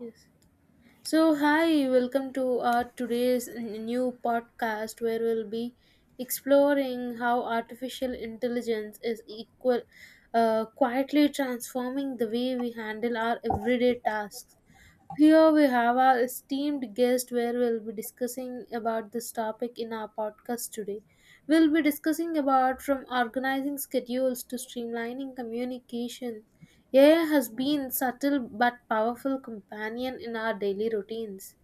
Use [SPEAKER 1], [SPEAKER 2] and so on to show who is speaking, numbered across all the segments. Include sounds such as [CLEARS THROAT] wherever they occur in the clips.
[SPEAKER 1] Yes. So, hi, welcome to our today's new podcast where we'll be exploring how artificial intelligence is equal, quietly transforming the way we handle our everyday tasks. Here we have our esteemed guest where we'll be discussing about this topic in our podcast today. We'll be discussing about from organizing schedules to streamlining communication. AI has been subtle but powerful companion in our daily routines.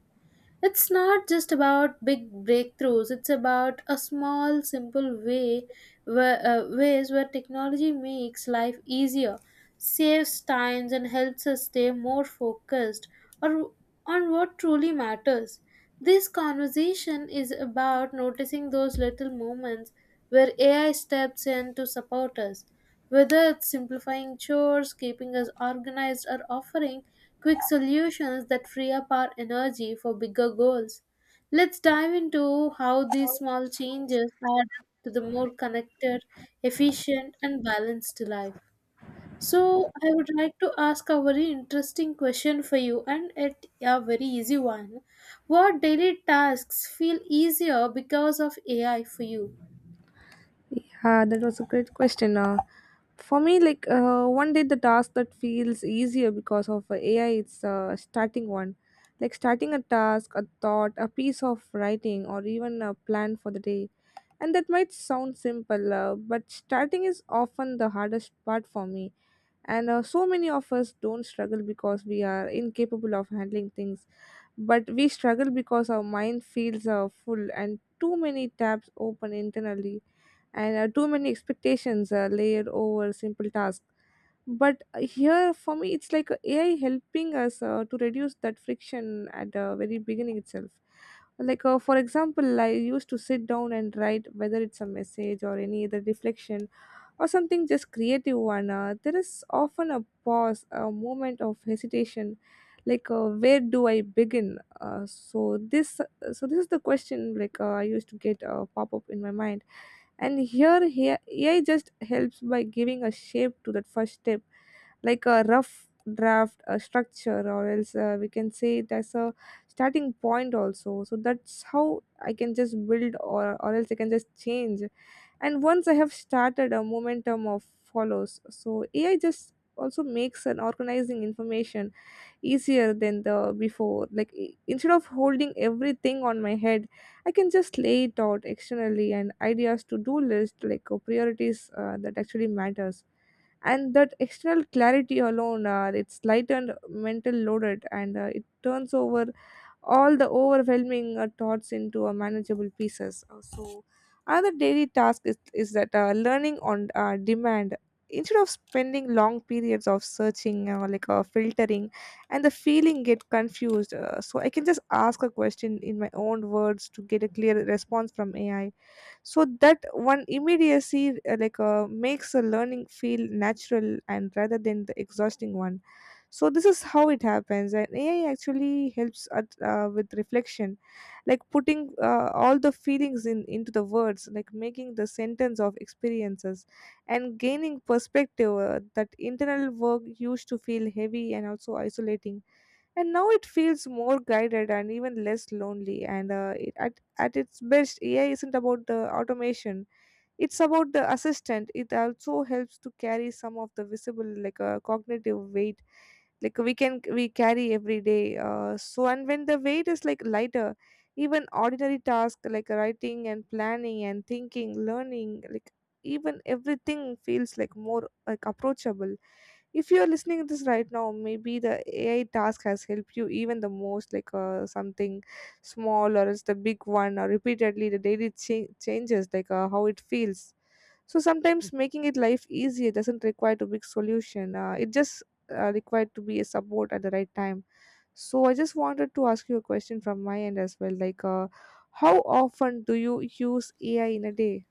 [SPEAKER 1] It's not just about big breakthroughs, it's about a small simple way where ways where technology makes life easier saves times and helps us stay more focused or on what truly matters. This conversation is about noticing those little moments where AI steps in to support us, whether it's simplifying chores, keeping us organized, or offering quick solutions that free up our energy for bigger goals. Let's dive into how these small changes add up to the more connected, efficient, and balanced life. So, I would like to ask a very interesting question for you, and it a very easy one. What daily tasks feel easier because of AI for you?
[SPEAKER 2] Yeah, that was a great question. For me, like one day the task that feels easier because of AI, it's starting one. Like starting a task, a thought, a piece of writing, or even a plan for the day. And that might sound simple, but starting is often the hardest part for me. And so many of us don't struggle because we are incapable of handling things, but we struggle because our mind feels full and too many tabs open internally and too many expectations are layered over simple tasks. But here, for me, it's like AI helping us to reduce that friction at the very beginning itself. Like, for example, I used to sit down and write whether it's a message or any other reflection or something just creative one. There is often a pause, a moment of hesitation, like, where do I begin? So this is the question like I used to get pop up in my mind and here AI just helps by giving a shape to that first step, like a rough draft, a structure, or else we can say it as a starting point also. So that's how I can just build, or else I can just change. And once I have started, a momentum of follows. So AI just also makes an organizing information easier than the before like, instead of holding everything on my head, I can just lay it out externally and ideas to do list like priorities that actually matters, and that external clarity alone it's lightened mental loaded, and it turns over all the overwhelming thoughts into a manageable pieces. So another daily task is that learning on demand, instead of spending long periods of searching filtering and the feeling get confused, so I can just ask a question in my own words to get a clear response from AI. So that one immediacy makes a learning feel natural and rather than the exhausting one. So this is how it happens, and AI actually helps with reflection, like putting all the feelings in into the words, like making the sentence of experiences and gaining perspective. That internal work used to feel heavy and also isolating, and now it feels more guided and even less lonely. And at its best, AI isn't about the automation, it's about the assistant. It also helps to carry some of the visible like a cognitive weight, like we carry every day. So and when the weight is like lighter, even ordinary tasks like writing and planning and thinking learning, like, even everything feels like more like approachable. If you are listening to this right now, maybe the AI task has helped you even the most, like something small, or it's the big one, or repeatedly the daily changes, like how it feels. So sometimes making it life easier doesn't require to big solution. It just required to be a support at the right time. So I just wanted to ask you a question from my end as well. Like, how often do you use AI in a day?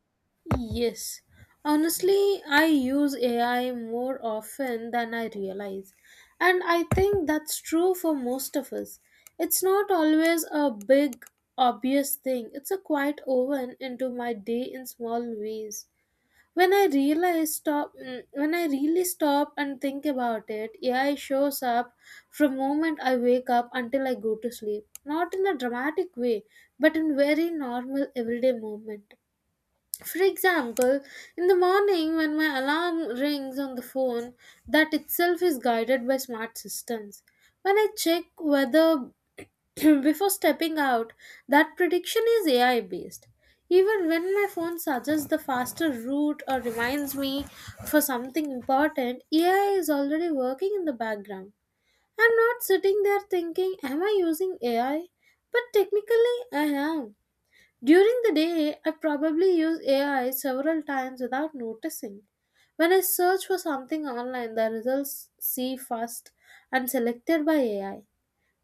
[SPEAKER 1] Yes. Honestly, I use AI more often than I realize. And I think that's true for most of us. It's not always a big, obvious thing, it's a quiet oven into my day in small ways. When I really stop and think about it, AI shows up from moment I wake up until I go to sleep, not in a dramatic way but in very normal everyday movement. For example, in the morning when my alarm rings on the phone, that itself is guided by smart systems. When I check weather [CLEARS THROAT] before stepping out, that prediction is AI based. Even when my phone suggests the faster route or reminds me for something important, AI is already working in the background. I'm not sitting there thinking, Am I using AI? But technically, I am. During the day, I probably use AI several times without noticing. When I search for something online, the results see first and selected by AI.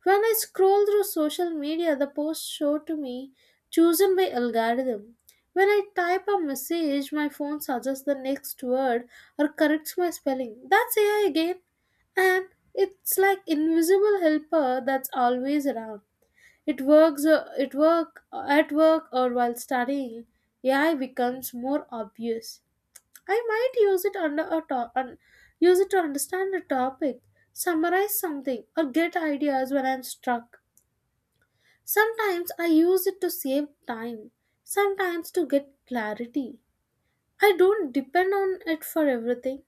[SPEAKER 1] When I scroll through social media, the posts show to me chosen by algorithm. When I type a message, my phone suggests the next word or corrects my spelling. That's AI again. And it's like invisible helper that's always around. It works it work at work or while studying. AI becomes more obvious. I might use it to understand a topic, summarize something, or get ideas when I'm stuck. Sometimes I use it to save time, sometimes to get clarity. I don't depend on it for everything,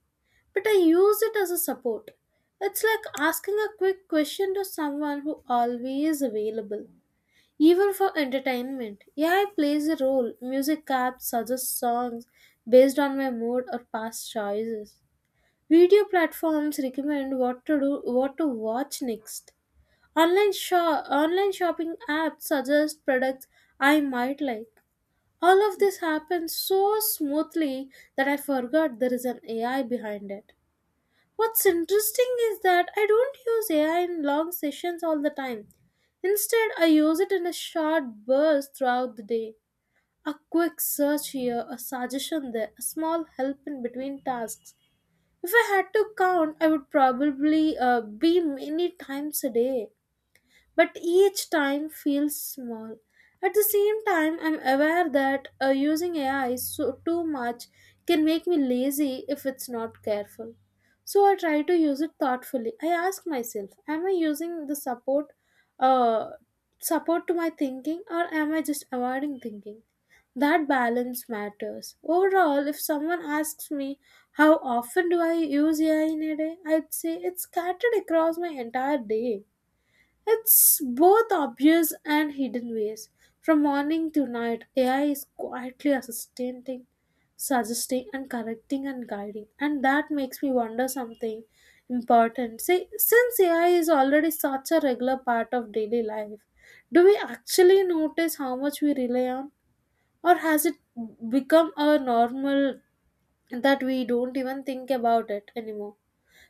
[SPEAKER 1] but I use it as a support. It's like asking a quick question to someone who always available. Even for entertainment, AI plays a role. Music apps suggest songs based on my mood or past choices. Video platforms recommend what to do, what to watch next. Online shopping apps suggest products I might like. All of this happens so smoothly that I forgot there is an AI behind it. What's interesting is that I don't use AI in long sessions all the time. Instead, I use it in a short burst throughout the day. A quick search here, a suggestion there, a small help in between tasks. If I had to count, I would probably be many times a day but each time feels small. At the same time, I'm aware that using AI so too much can make me lazy if it's not careful. So I try to use it thoughtfully. I ask myself, am I using the uh, support to my thinking or am I just avoiding thinking? That balance matters. Overall, if someone asks me how often do I use AI in a day, I'd say it's scattered across my entire day. It's both obvious and hidden ways. From morning to night, AI is quietly assisting, suggesting, and correcting and guiding. And that makes me wonder something important. See, since AI is already such a regular part of daily life, do we actually notice how much we rely on? Or has it become a normal that we don't even think about it anymore?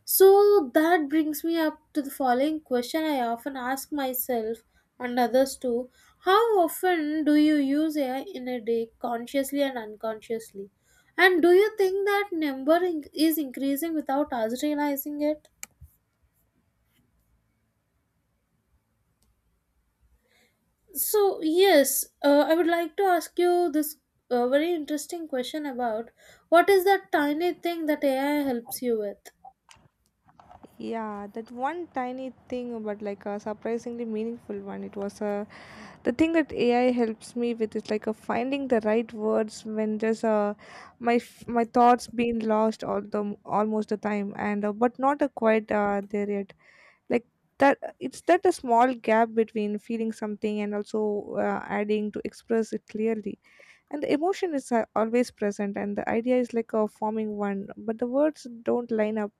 [SPEAKER 1] So that brings me up to the following question I often ask myself and others too. How often do you use AI in a day consciously and unconsciously? And do you think that number is increasing without us realizing it? So, yes, I would like to ask you this very interesting question about what is that tiny thing that AI helps you with?
[SPEAKER 2] Yeah, that one tiny thing, but like a surprisingly meaningful one. It was the thing that AI helps me with is like finding the right words when just my thoughts being lost all the almost the time, and but not quite there yet. Like that, it's that a small gap between feeling something and also adding to express it clearly, and the emotion is always present and the idea is like a forming one, but the words don't line up.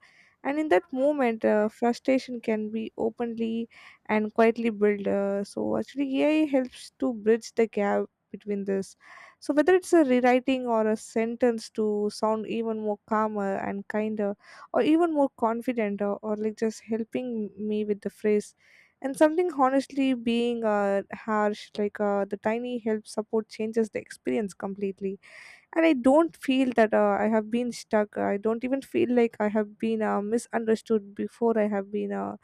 [SPEAKER 2] And in that moment frustration can be openly and quietly built. So actually AI helps to bridge the gap between this. So whether it's a rewriting or a sentence to sound even more calmer and kinder, or even more confident, or like just helping me with the phrase and something honestly being harsh, like, the tiny help support changes the experience completely. And I don't feel that I have been stuck. I don't even feel like I have been misunderstood before I have been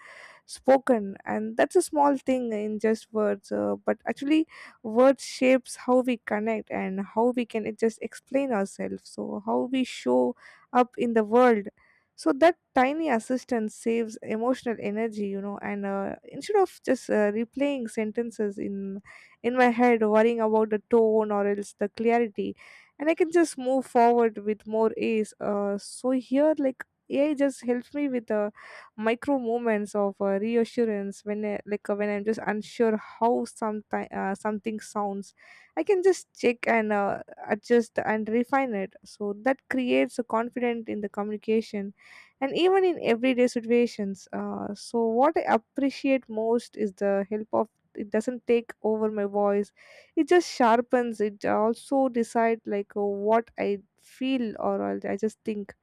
[SPEAKER 2] spoken, and that's a small thing in just words. But actually words shapes how we connect and how we can just explain ourselves, so how we show up in the world. So that tiny assistance saves emotional energy, you know, and instead of just replaying sentences in my head worrying about the tone or else the clarity, and I can just move forward with more ease. So here, like, AI just helps me with micro moments of reassurance. When I'm just unsure how sometime something sounds, I can just check and adjust and refine it, so that creates a confidence in the communication and even in everyday situations. So what I appreciate most is the help of, it doesn't take over my voice, it just sharpens it. Also decide like, what I feel or I just think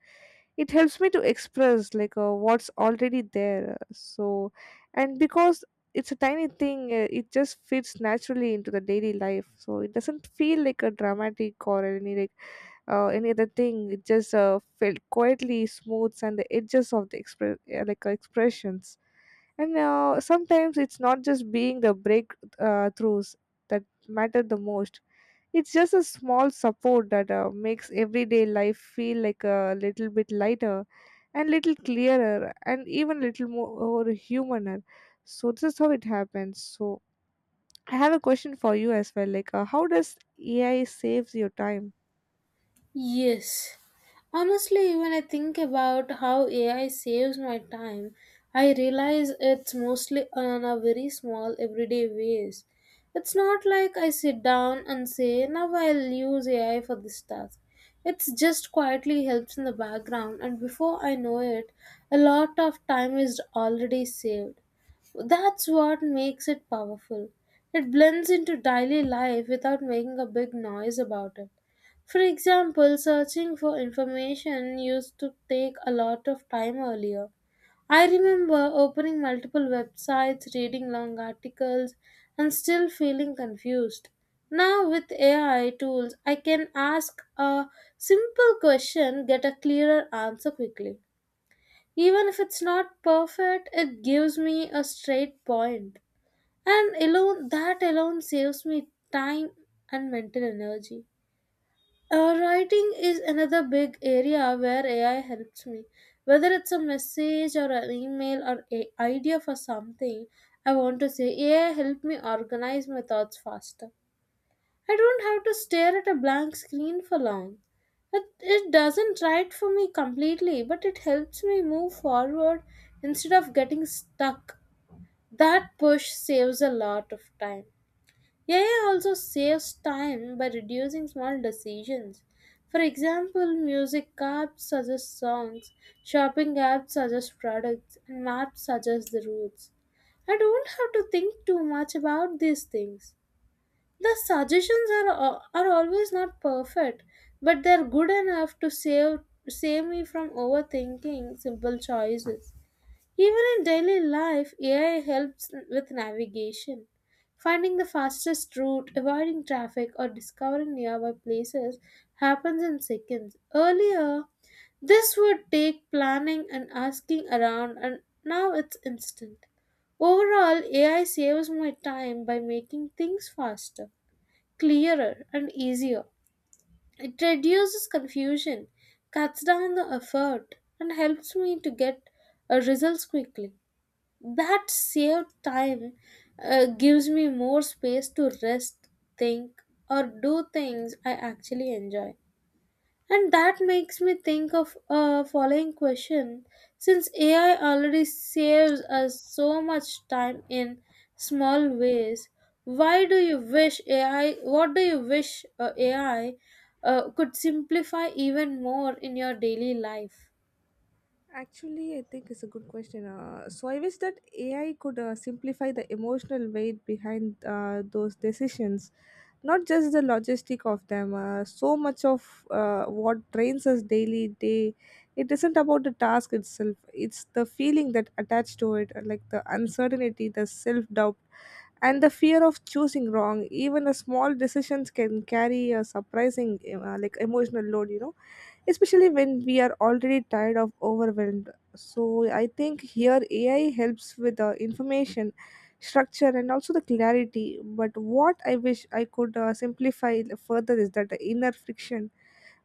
[SPEAKER 2] it helps me to express like what's already there. And because it's a tiny thing, it just fits naturally into the daily life, so it doesn't feel like a dramatic or any like any other thing. It just felt quietly smooths and the edges of the expressions. And sometimes it's not just being the breakthroughs that matter the most. It's just a small support that makes everyday life feel like a little bit lighter and little clearer and even little more humaner. So this is how it happens. So I have a question for you as well. Like, how does AI saves your time?
[SPEAKER 1] Yes. Honestly, when I think about how AI saves my time, I realize it's mostly on a very small everyday ways. It's not like I sit down and say, now I'll use AI for this task. It's just quietly helps in the background, and before I know it, a lot of time is already saved. That's what makes it powerful. It blends into daily life without making a big noise about it. For example, searching for information used to take a lot of time earlier. I remember opening multiple websites, reading long articles, and still feeling confused. Now, with AI tools, I can ask a simple question, get a clearer answer quickly. Even if it's not perfect, it gives me a straight point. And alone, that alone saves me time and mental energy. Writing is another big area where AI helps me. Whether it's a message or an email or a idea for something I want to say, AI helped me organize my thoughts faster. I don't have to stare at a blank screen for long. It doesn't write for me completely, but it helps me move forward instead of getting stuck. That push saves a lot of time. AI also saves time by reducing small decisions. For example, music apps suggest songs, shopping apps suggest products, and maps suggest the routes. I don't have to think too much about these things. The suggestions are always not perfect, but they're good enough to save me from overthinking simple choices. Even in daily life, AI helps with navigation. Finding the fastest route, avoiding traffic, or discovering nearby places happens in seconds. Earlier, this would take planning and asking around, and now it's instant. Overall, AI saves my time by making things faster, clearer, and easier. It reduces confusion, cuts down the effort, and helps me to get results quickly. That saved time gives me more space to rest, think, or do things I actually enjoy. And that makes me think of a following question. Since AI already saves us so much time in small ways, why do you wish AI could simplify even more in your daily life?
[SPEAKER 2] Actually, I think it's a good question. So I wish that AI could simplify the emotional weight behind those decisions, not just the logistic of them. So much of what drains us daily day, it isn't about the task itself. It's the feeling that attached to it, like the uncertainty, the self doubt, and the fear of choosing wrong. Even a small decisions can carry a surprising, like, emotional load. You know, especially when we are already tired of overwhelmed. So I think here AI helps with the information structure and also the clarity, but what I wish I could simplify further is that inner friction,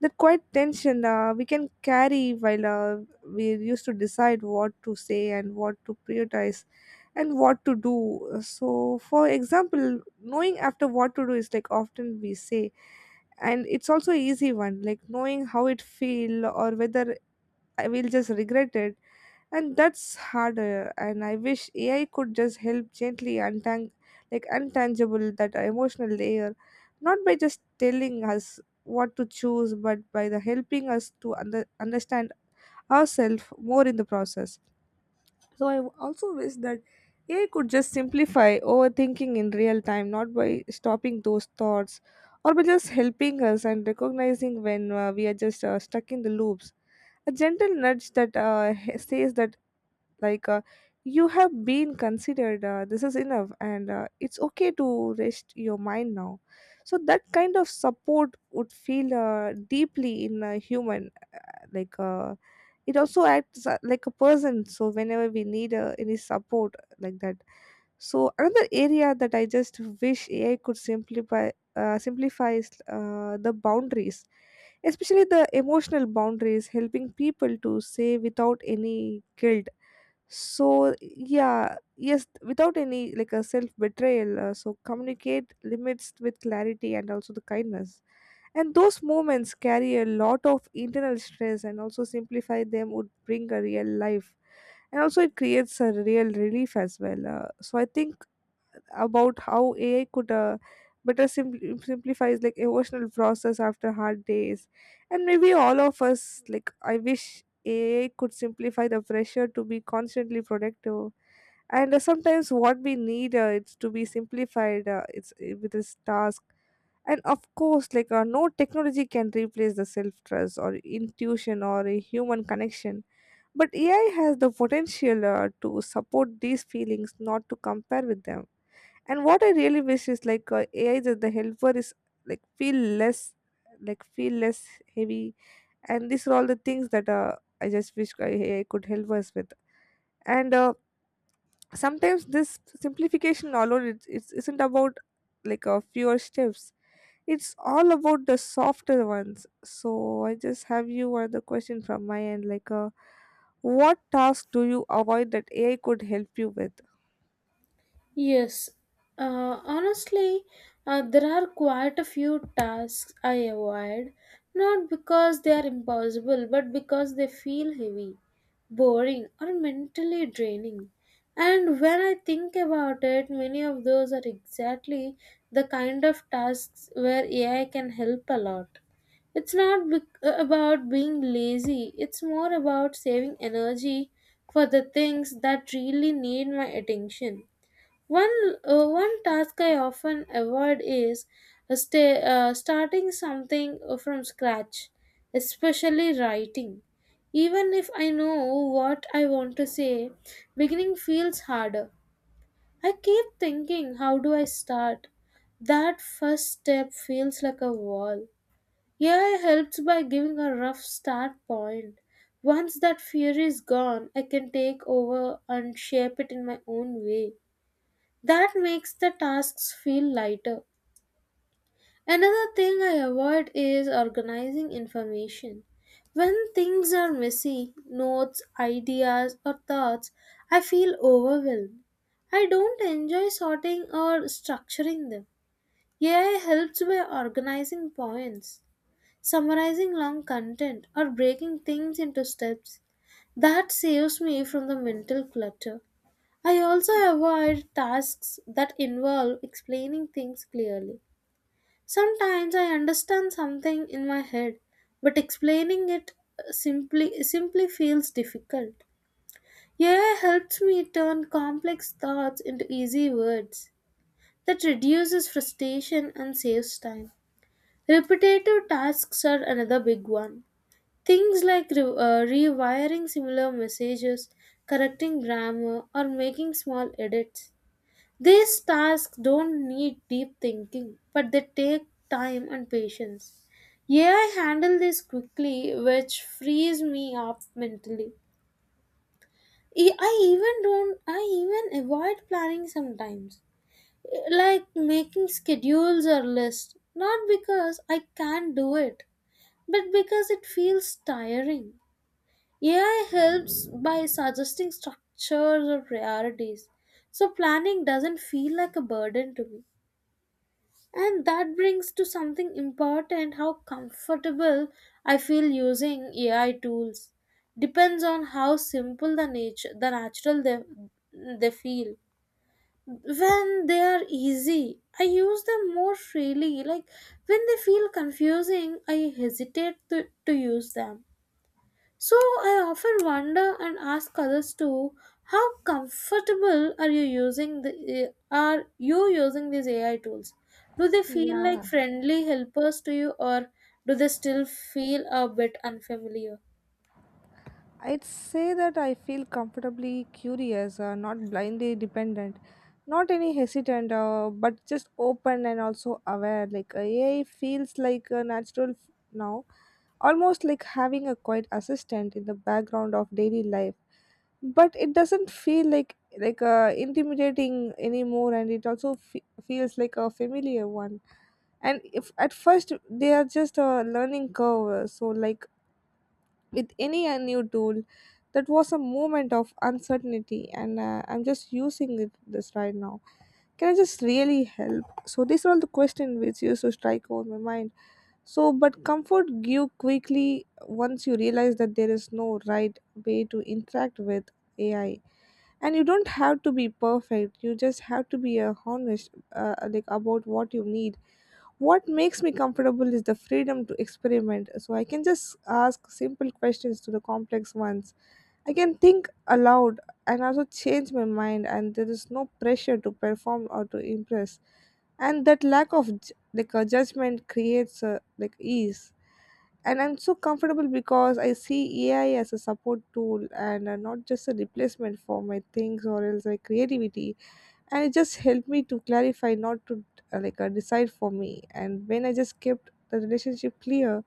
[SPEAKER 2] that quiet tension we can carry while we used to decide what to say and what to prioritize and what to do. So, for example, knowing after what to do is like often we say, and it's also an easy one, like knowing how it feel or whether I will just regret it, and that's harder. And I wish AI could just help gently untangible that emotional layer, not by just telling us what to choose, but by the helping us to understand ourselves more in the process. So I also wish that AI could just simplify overthinking in real time, not by stopping those thoughts or by just helping us and recognizing when we are just stuck in the loops. A gentle nudge that says that, like, you have been considered, this is enough, and it's okay to rest your mind now. So, that kind of support would feel deeply in a human, like, it also acts like a person, so whenever we need any support like that. So another area that I just wish AI could simplify simplifies the boundaries, especially the emotional boundaries, helping people to say without any guilt. So yeah, yes, without any like a self betrayal, so communicate limits with clarity and also the kindness. And those moments carry a lot of internal stress, and also simplify them would bring a real life. And also, it creates a real relief as well. So, I think about how AI could better simplifies like emotional process after hard days. And maybe all of us, like, I wish AI could simplify the pressure to be constantly productive, and sometimes what we need, it's to be simplified, it's, with this task. And of course, no technology can replace the self trust or intuition or a human connection, but AI has the potential, to support these feelings, not to compare with them. And what I really wish is AI that the helper is like feel less, like feel less heavy. And these are all the things that I just wish AI could help us with. And Sometimes this simplification alone, it isn't about like a fewer steps. It's all about the softer ones. So I just have you another question from my end, what task do you avoid that AI could help you with?
[SPEAKER 1] Yes, honestly, there are quite a few tasks I avoid, not because they are impossible, but because they feel heavy, boring, or mentally draining. And when I think about it, many of those are exactly the kind of tasks where AI can help a lot. It's not about being lazy, it's more about saving energy for the things that really need my attention. One task I often avoid is starting something from scratch, especially writing. Even if I know what I want to say, beginning feels harder. I keep thinking, how do I start? That first step feels like a wall. AI helps by giving a rough start point. Once that fear is gone, I can take over and shape it in my own way. That makes the tasks feel lighter. Another thing I avoid is organizing information. When things are messy, notes, ideas, or thoughts, I feel overwhelmed. I don't enjoy sorting or structuring them. AI helps by organizing points, summarizing long content, or breaking things into steps. That saves me from the mental clutter. I also avoid tasks that involve explaining things clearly. Sometimes I understand something in my head, but explaining it simply feels difficult. AI helps me turn complex thoughts into easy words. That reduces frustration and saves time. Repetitive tasks are another big one. Things like rewiring similar messages, correcting grammar, or making small edits. These tasks don't need deep thinking, but they take time and patience. AI handle this quickly, which frees me up mentally. E- I even don't. I even avoid planning sometimes, like making schedules or lists. Not because I can't do it, but because it feels tiring. AI helps by suggesting structures or priorities, so planning doesn't feel like a burden to me. And that brings to something important how comfortable I feel using AI tools. Depends on how simple the natural they feel. When they are easy, I use them more freely. Like when they feel confusing, I hesitate to use them. So I often wonder and ask others too, how comfortable are you using these AI tools? Do they feel like
[SPEAKER 2] Yeah,
[SPEAKER 1] friendly helpers to you or do they still feel a bit unfamiliar?
[SPEAKER 2] I'd say that I feel comfortably curious, not blindly dependent, not any hesitant, but just open and also aware. AI feels like a now, almost like having a quiet assistant in the background of daily life. But it doesn't feel like intimidating anymore, and it also feels like a familiar one. And if at first they are just a learning curve, so with any new tool, that was a moment of uncertainty. And I'm just using it this right now. Can I just really help? So these are all the questions which used to strike over my mind. So, but comfort grew quickly once you realize that there is no right way to interact with AI, and you don't have to be perfect. You just have to be honest, like about what you need. What makes me comfortable is the freedom to experiment. So I can just ask simple questions to the complex ones. I can think aloud and also change my mind, and there is no pressure to perform or to impress. And that lack of like a judgment creates, like, ease. And I'm so comfortable because I see AI as a support tool, and not just a replacement for my things or else like creativity. And it just helped me to clarify, not to decide for me. And when I just kept the relationship clear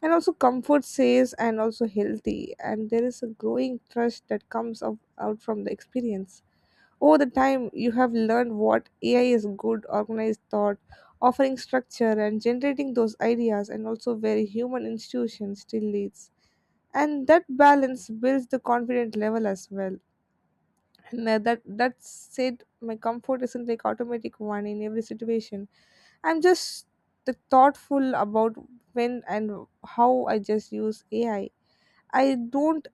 [SPEAKER 2] and also comfort says and also healthy, and there is a growing trust that comes out from the experience. Over the time, you have learned what AI is good, organized thought, offering structure and generating those ideas, and also where human institution still leads. And that balance builds the confident level as well. And That said, my comfort isn't like automatic one in every situation. I'm just the thoughtful about when and how I just use AI. I don't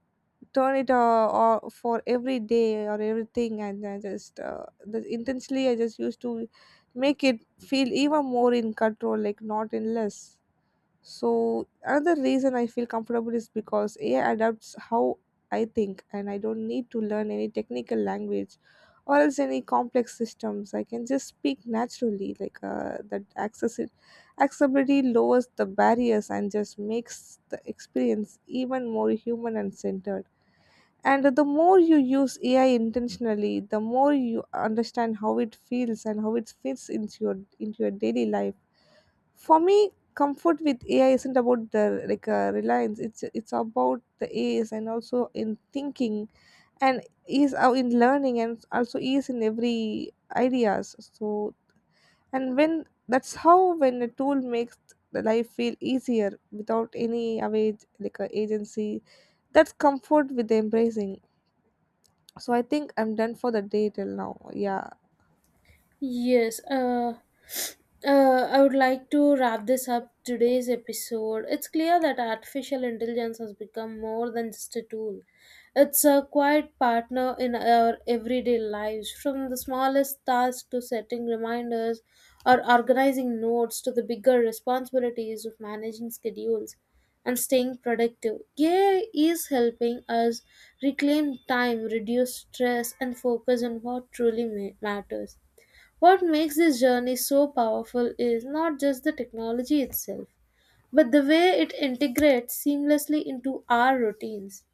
[SPEAKER 2] turn it or for every day or everything. And I just intensely I just used to make it feel even more in control, like not in less. So another reason I feel comfortable is because AI adapts how I think, and I don't need to learn any technical language or else any complex systems. I can just speak naturally, that accessibility lowers the barriers and just makes the experience even more human and centered. And the more you use AI intentionally, the more you understand how it feels and how it fits into your daily life. For me, comfort with AI isn't about the reliance. It's about the ease and also in thinking, and ease out in learning, and also ease in every ideas. So and when that's how, when a tool makes the life feel easier without any awage like agency, that's comfort with embracing. So I think I'm done for the day till now. Yeah.
[SPEAKER 1] Yes, uh, I would like to wrap this up today's episode. It's clear that artificial intelligence has become more than just a tool. It's a quiet partner in our everyday lives, from the smallest tasks to setting reminders or organizing notes to the bigger responsibilities of managing schedules and staying productive. AI is helping us reclaim time, reduce stress, and focus on what truly matters. What makes this journey so powerful is not just the technology itself, but the way it integrates seamlessly into our routines.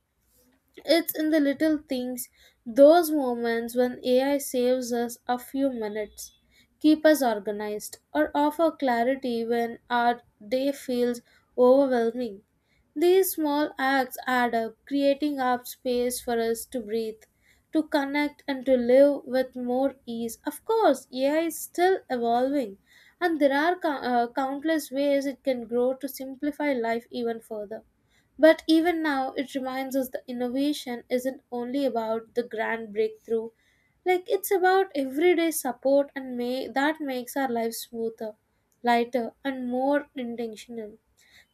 [SPEAKER 1] It's in the little things, those moments when AI saves us a few minutes, keep us organized, or offer clarity when our day feels overwhelming. These small acts add up, creating up space for us to breathe, to connect, and to live with more ease. Of course, AI is still evolving, and there are countless ways it can grow to simplify life even further. But even now, it reminds us that innovation isn't only about the grand breakthrough, like it's about everyday support and may that makes our lives smoother, lighter, and more intentional.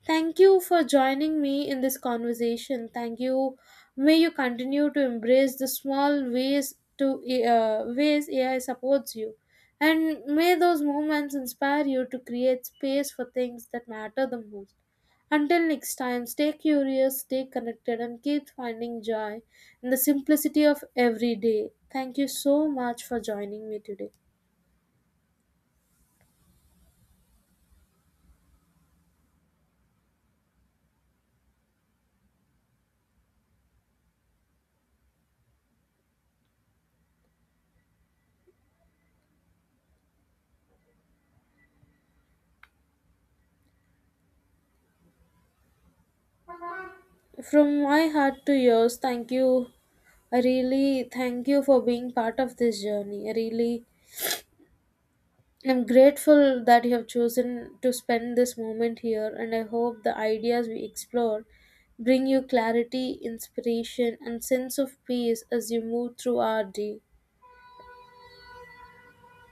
[SPEAKER 1] Thank you for joining me in this conversation. Thank you. May you continue to embrace the small ways AI supports you, and may those moments inspire you to create space for things that matter the most. Until next time, stay curious, stay connected, and keep finding joy in the simplicity of every day. Thank you so much for joining me today. From my heart to yours, thank you. I really thank you for being part of this journey. I really am grateful that you have chosen to spend this moment here, and I hope the ideas we explore bring you clarity, inspiration, and sense of peace as you move through our day.